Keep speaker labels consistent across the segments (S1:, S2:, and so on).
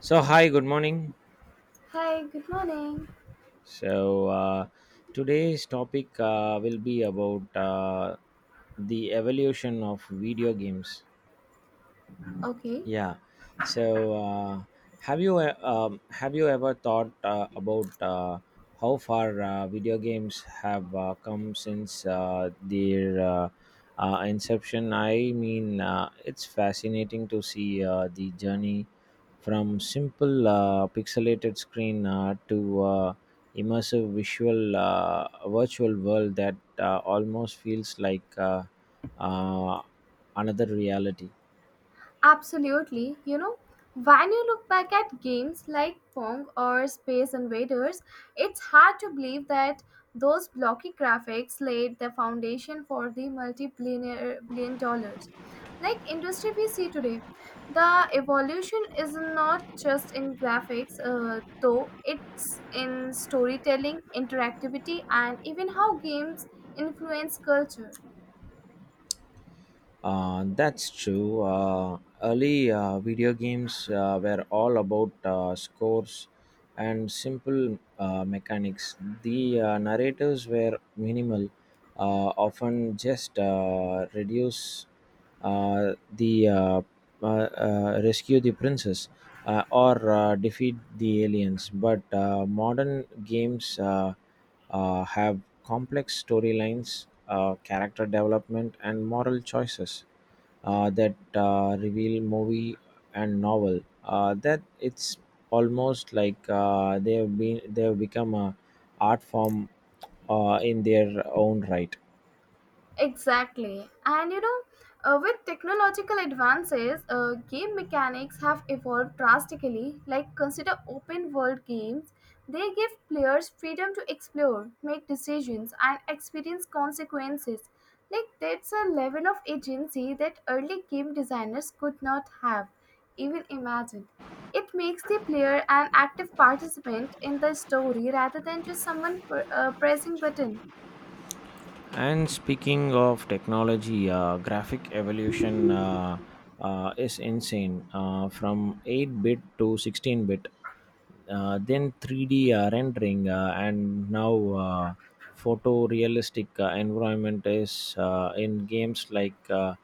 S1: So, hi, good morning.
S2: Hi, good morning.
S1: So, uh, Today's topic will be about the evolution of video games.
S2: Okay,
S1: Yeah. So, uh, have you have you ever thought about how far video games have come since their inception? It's fascinating to see the journey from simple pixelated screen to immersive visual virtual world that almost feels like uh, another reality.
S2: absolutely. You know, when you look back at games like Pong or Space Invaders, it's hard to believe that those blocky graphics laid the foundation for the multi-billion billion dollars like industry we see today. The evolution is not just in graphics, though it's in storytelling, interactivity, and even how games influence culture.
S1: That's true. Early video games were all about scores and simple mechanics. The narratives were minimal, often just reduce the rescue the princess or defeat the aliens. But modern games. Have complex storylines, character development, and moral choices that reveal movie and novel. That it's almost like they have become a art form in their own right.
S2: Exactly. And you know, with technological advances, game mechanics have evolved drastically. Like, consider open world games. They give players freedom to explore, make decisions, and experience consequences. Like, that's a level of agency that early game designers could not have even imagined. It makes the player an active participant in the story rather than just someone pressing button.
S1: And speaking of technology, graphic evolution is insane. From 8-bit to 16-bit, then 3D rendering, and now photorealistic environment is in games like.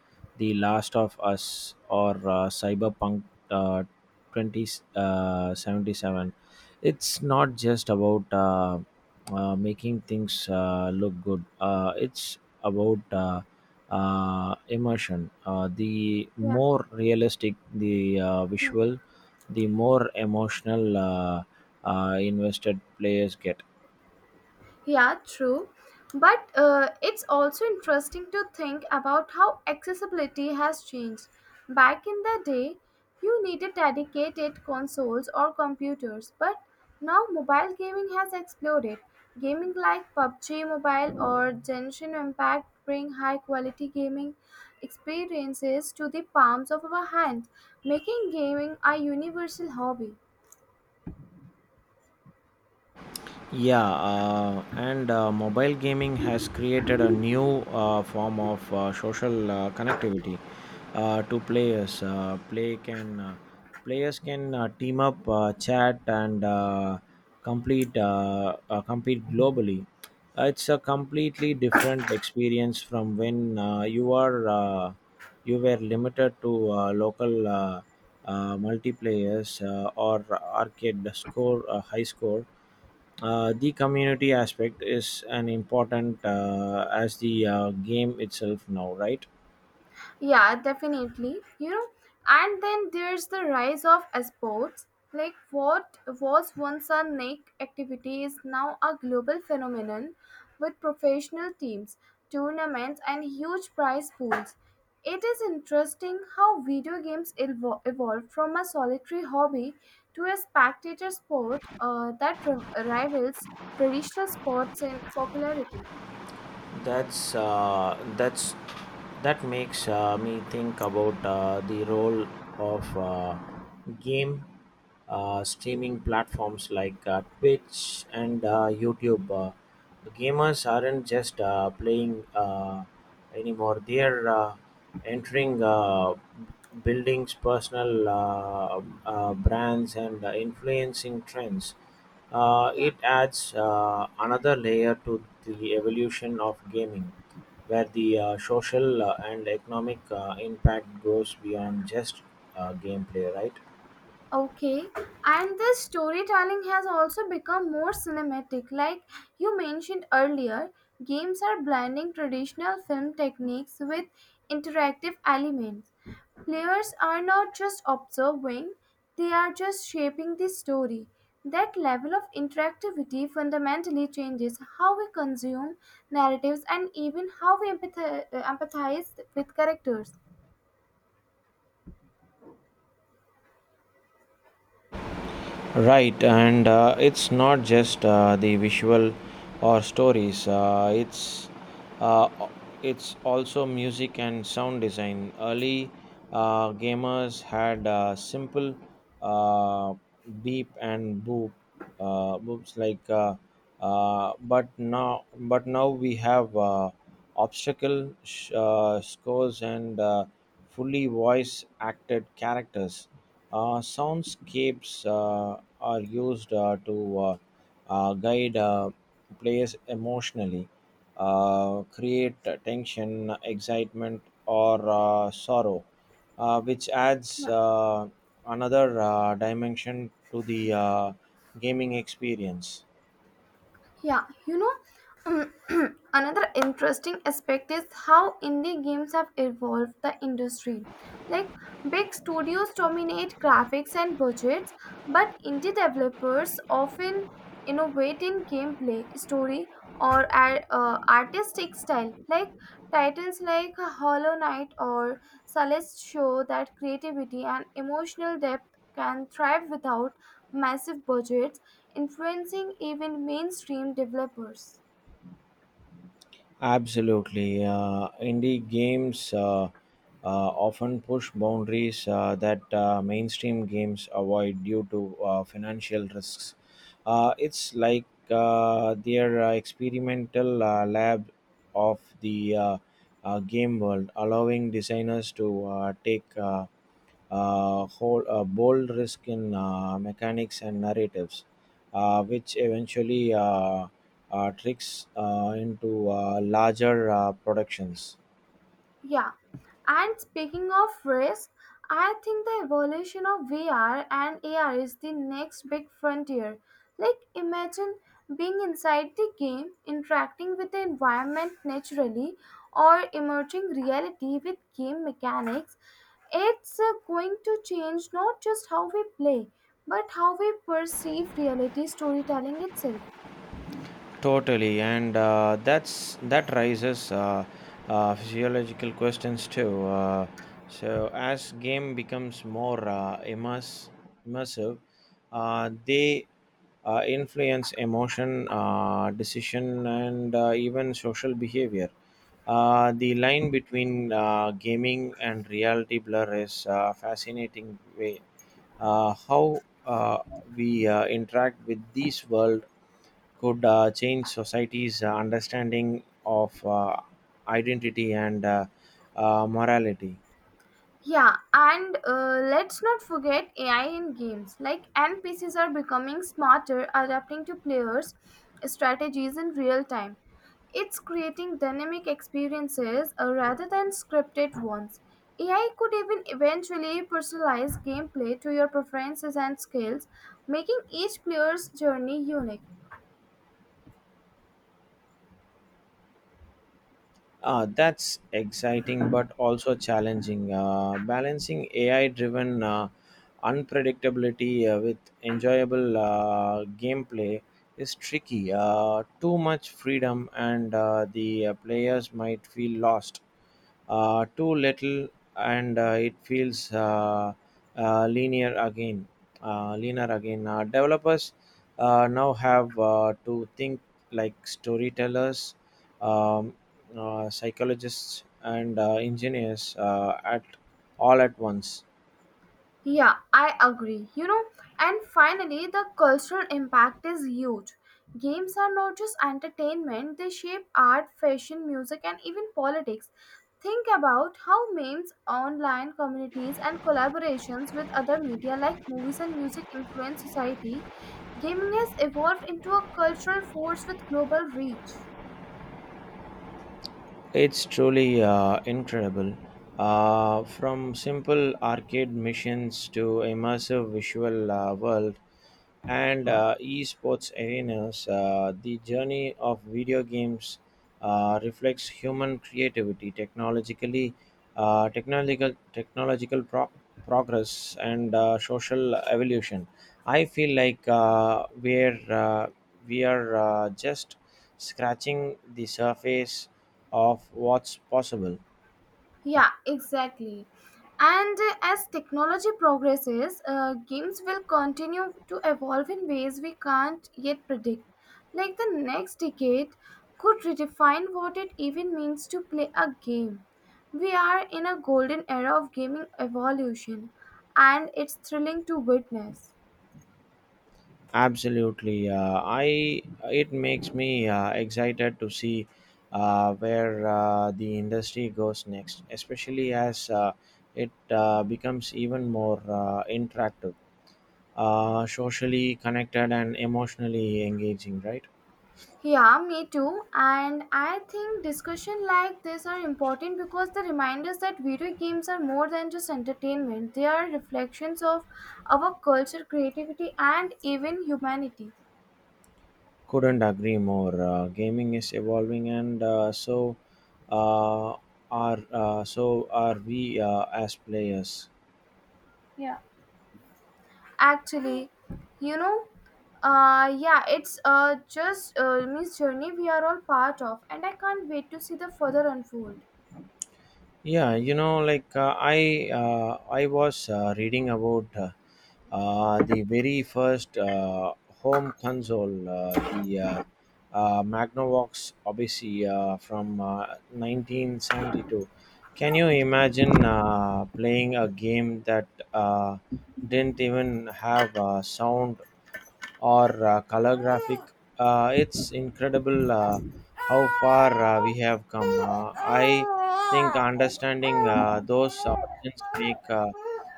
S1: The Last of Us, or Cyberpunk uh, 2077. It's not just about making things look good, it's about immersion. The
S2: Yeah.
S1: more realistic the
S2: Hmm.
S1: visual, the more emotional invested players get.
S2: Yeah, true. But it's also interesting to think about how accessibility has changed. Back in the day, you needed dedicated consoles or computers, but now mobile gaming has exploded. Gaming like PUBG Mobile or Genshin Impact bring high quality gaming experiences to the palms of our hands, making gaming a universal hobby.
S1: Yeah, and mobile gaming has created a new form of social connectivity to players. Players can team up, chat, and complete compete globally. It's a completely different experience from when you were limited to local multiplayers or arcade score high score. The community aspect is an important as the game itself now, right?
S2: Yeah, definitely. You know, and then there's the rise of sports. Like what was once a niche activity is now a global phenomenon with professional teams, tournaments, and huge prize pools. It is interesting how video evolved from a solitary hobby to a spectator sport that rivals traditional sports in popularity.
S1: That's that makes me think about the role of game streaming platforms like Twitch and YouTube. Gamers aren't just playing anymore; they're entering buildings, personal brands, and influencing trends.
S2: Yeah.
S1: It adds another layer to the evolution of gaming, where the social and economic impact goes beyond just gameplay, right?
S2: Okay, and this storytelling has also become more cinematic. Like you mentioned earlier, games are blending traditional film techniques with interactive elements. Players are not just observing, they are just shaping the story. That level of interactivity fundamentally changes how we consume narratives and even how we empathize with characters.
S1: Right, and it's not just the visual or stories. Uh, it's also music and sound design. Early gamers had simple uh, beep and boops like, but now we have. Obstacle scores and fully voice acted characters. Soundscapes are used to guide players emotionally, create tension, excitement, or sorrow, which adds
S2: Yeah.
S1: another dimension to the gaming experience.
S2: Yeah, you know, um, another interesting aspect is how indie games have evolved the industry. Like, big studios dominate graphics and budgets, but indie developers often innovate in gameplay, story, or artistic style. Like, titles like Hollow Knight or Celeste show that creativity and emotional depth can thrive without massive budgets, influencing even mainstream developers.
S1: Absolutely. Indie games often push boundaries that mainstream games avoid due to financial risks. It's like their experimental lab of the game world, allowing designers to take whole, bold risk in mechanics and narratives, which eventually tricks into larger productions.
S2: Yeah, and speaking of risk, I think the evolution of VR and AR is the next big frontier. Like, imagine being inside the game, interacting with the environment naturally, or emerging reality with game mechanics. It's going to change not just how we play, but how we perceive reality storytelling itself.
S1: Totally, and that raises physiological questions too. So as game becomes more immersive, they influence emotion, decision, and even social behavior. The line between gaming and reality blur is fascinating way. How uh, we interact with this world could change society's understanding of identity and morality.
S2: Yeah, and let's not forget AI in games. Like NPCs are becoming smarter, adapting to players' strategies in real time. It's creating dynamic experiences rather than scripted ones. AI could even eventually personalize gameplay to your preferences and skills, making each player's journey unique.
S1: Ah, that's exciting but also challenging. Balancing AI driven unpredictability with enjoyable gameplay is tricky. Too much freedom, and the players might feel lost. Too little, and it feels uh, linear again. Linear again. Developers now have to think like storytellers Um psychologists and engineers at all at once.
S2: Yeah, I agree. You know, and finally, the cultural impact is huge. Games are not just entertainment, they shape art, fashion, music, and even politics. Think about how memes, online communities, and collaborations with other media like movies and music influence society. Gaming has evolved into a cultural force with global reach.
S1: It's truly incredible. From simple arcade missions to immersive visual world and esports arenas, the journey of video games reflects human creativity, technological progress, and social evolution. I feel like we are just scratching the surface of what's possible.
S2: Yeah, exactly. And as technology progresses, games will continue to evolve in ways we can't yet predict. Like the next decade could redefine what it even means to play a game. We are in a golden era of gaming evolution, and it's thrilling to witness.
S1: Absolutely. Uh, i it makes me excited to see where the industry goes next, especially as it becomes even more interactive, socially connected and emotionally engaging, right?
S2: Yeah, me too. And I think discussion like this are important because they remind us that video games are more than just entertainment. They are reflections of our culture, creativity, and even humanity.
S1: Couldn't agree more. Gaming is evolving and uh, so are we as players.
S2: Yeah. Actually, you know, yeah, it's just means journey we are all part of, and I can't wait to see the further unfold.
S1: Yeah, you know, like I was reading about the very first home console, the Magnavox Odyssey from 1972. Can you imagine playing a game that didn't even have sound or color graphic. It's incredible
S2: Thank
S1: how far we have come. I think understanding those origins make uh,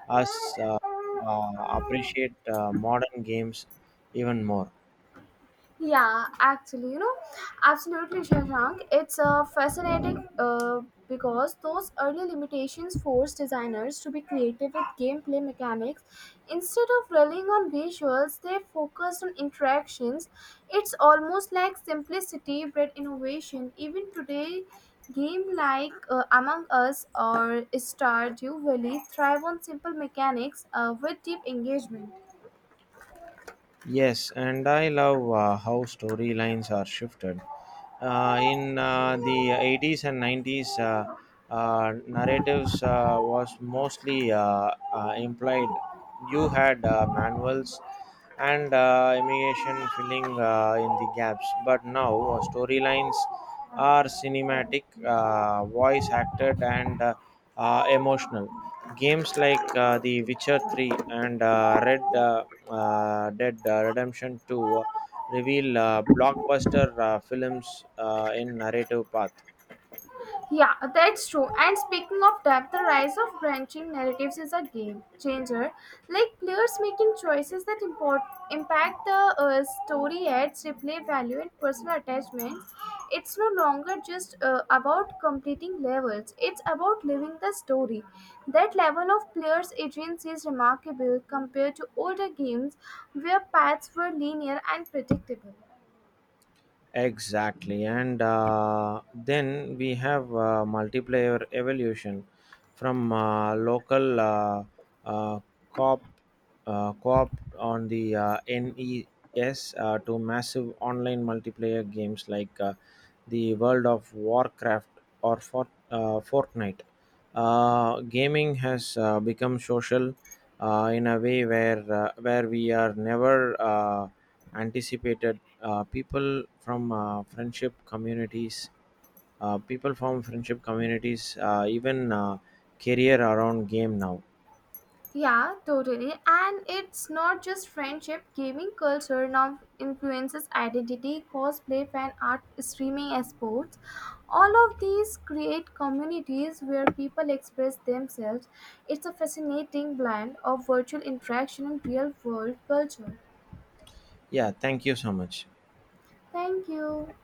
S1: us uh, uh,
S2: you.
S1: appreciate modern games even more.
S2: Yeah, actually, you know, absolutely, Shashank. It's fascinating because those early limitations forced designers to be creative with gameplay mechanics. Instead of relying on visuals, they focused on interactions. It's almost like simplicity bred innovation. Even today, game like Among Us or Stardew Valley thrive on simple mechanics with deep engagement.
S1: Yes, and I love how storylines are shifted. In the 80s and 90s, narratives was mostly implied. You had manuals and immigration filling in the gaps, but now storylines are cinematic, voice acted, and emotional. Games like The Witcher 3 and Red Dead Redemption 2 reveal blockbuster films in narrative path.
S2: Yeah, that's true. And speaking of depth, the rise of branching narratives is a game changer. Like players making choices that impact the story adds replay value and personal attachments. It's no longer just about completing levels, it's about living the story. That level of players' agency is remarkable compared to older games where paths were linear and predictable.
S1: Exactly, and then we have multiplayer evolution from local uh, co-op, co-op on the NES to massive online multiplayer games like the World of Warcraft or Fortnite. Gaming has become social in a way where we are never anticipated people from friendship communities people from friendship communities even career around game now.
S2: Yeah, totally. And it's not just friendship. Gaming culture now influences identity, cosplay, fan art, streaming, and sports. All of these create communities where people express themselves. It's a fascinating blend of virtual interaction and real world culture.
S1: Yeah, thank you so much.
S2: Thank you.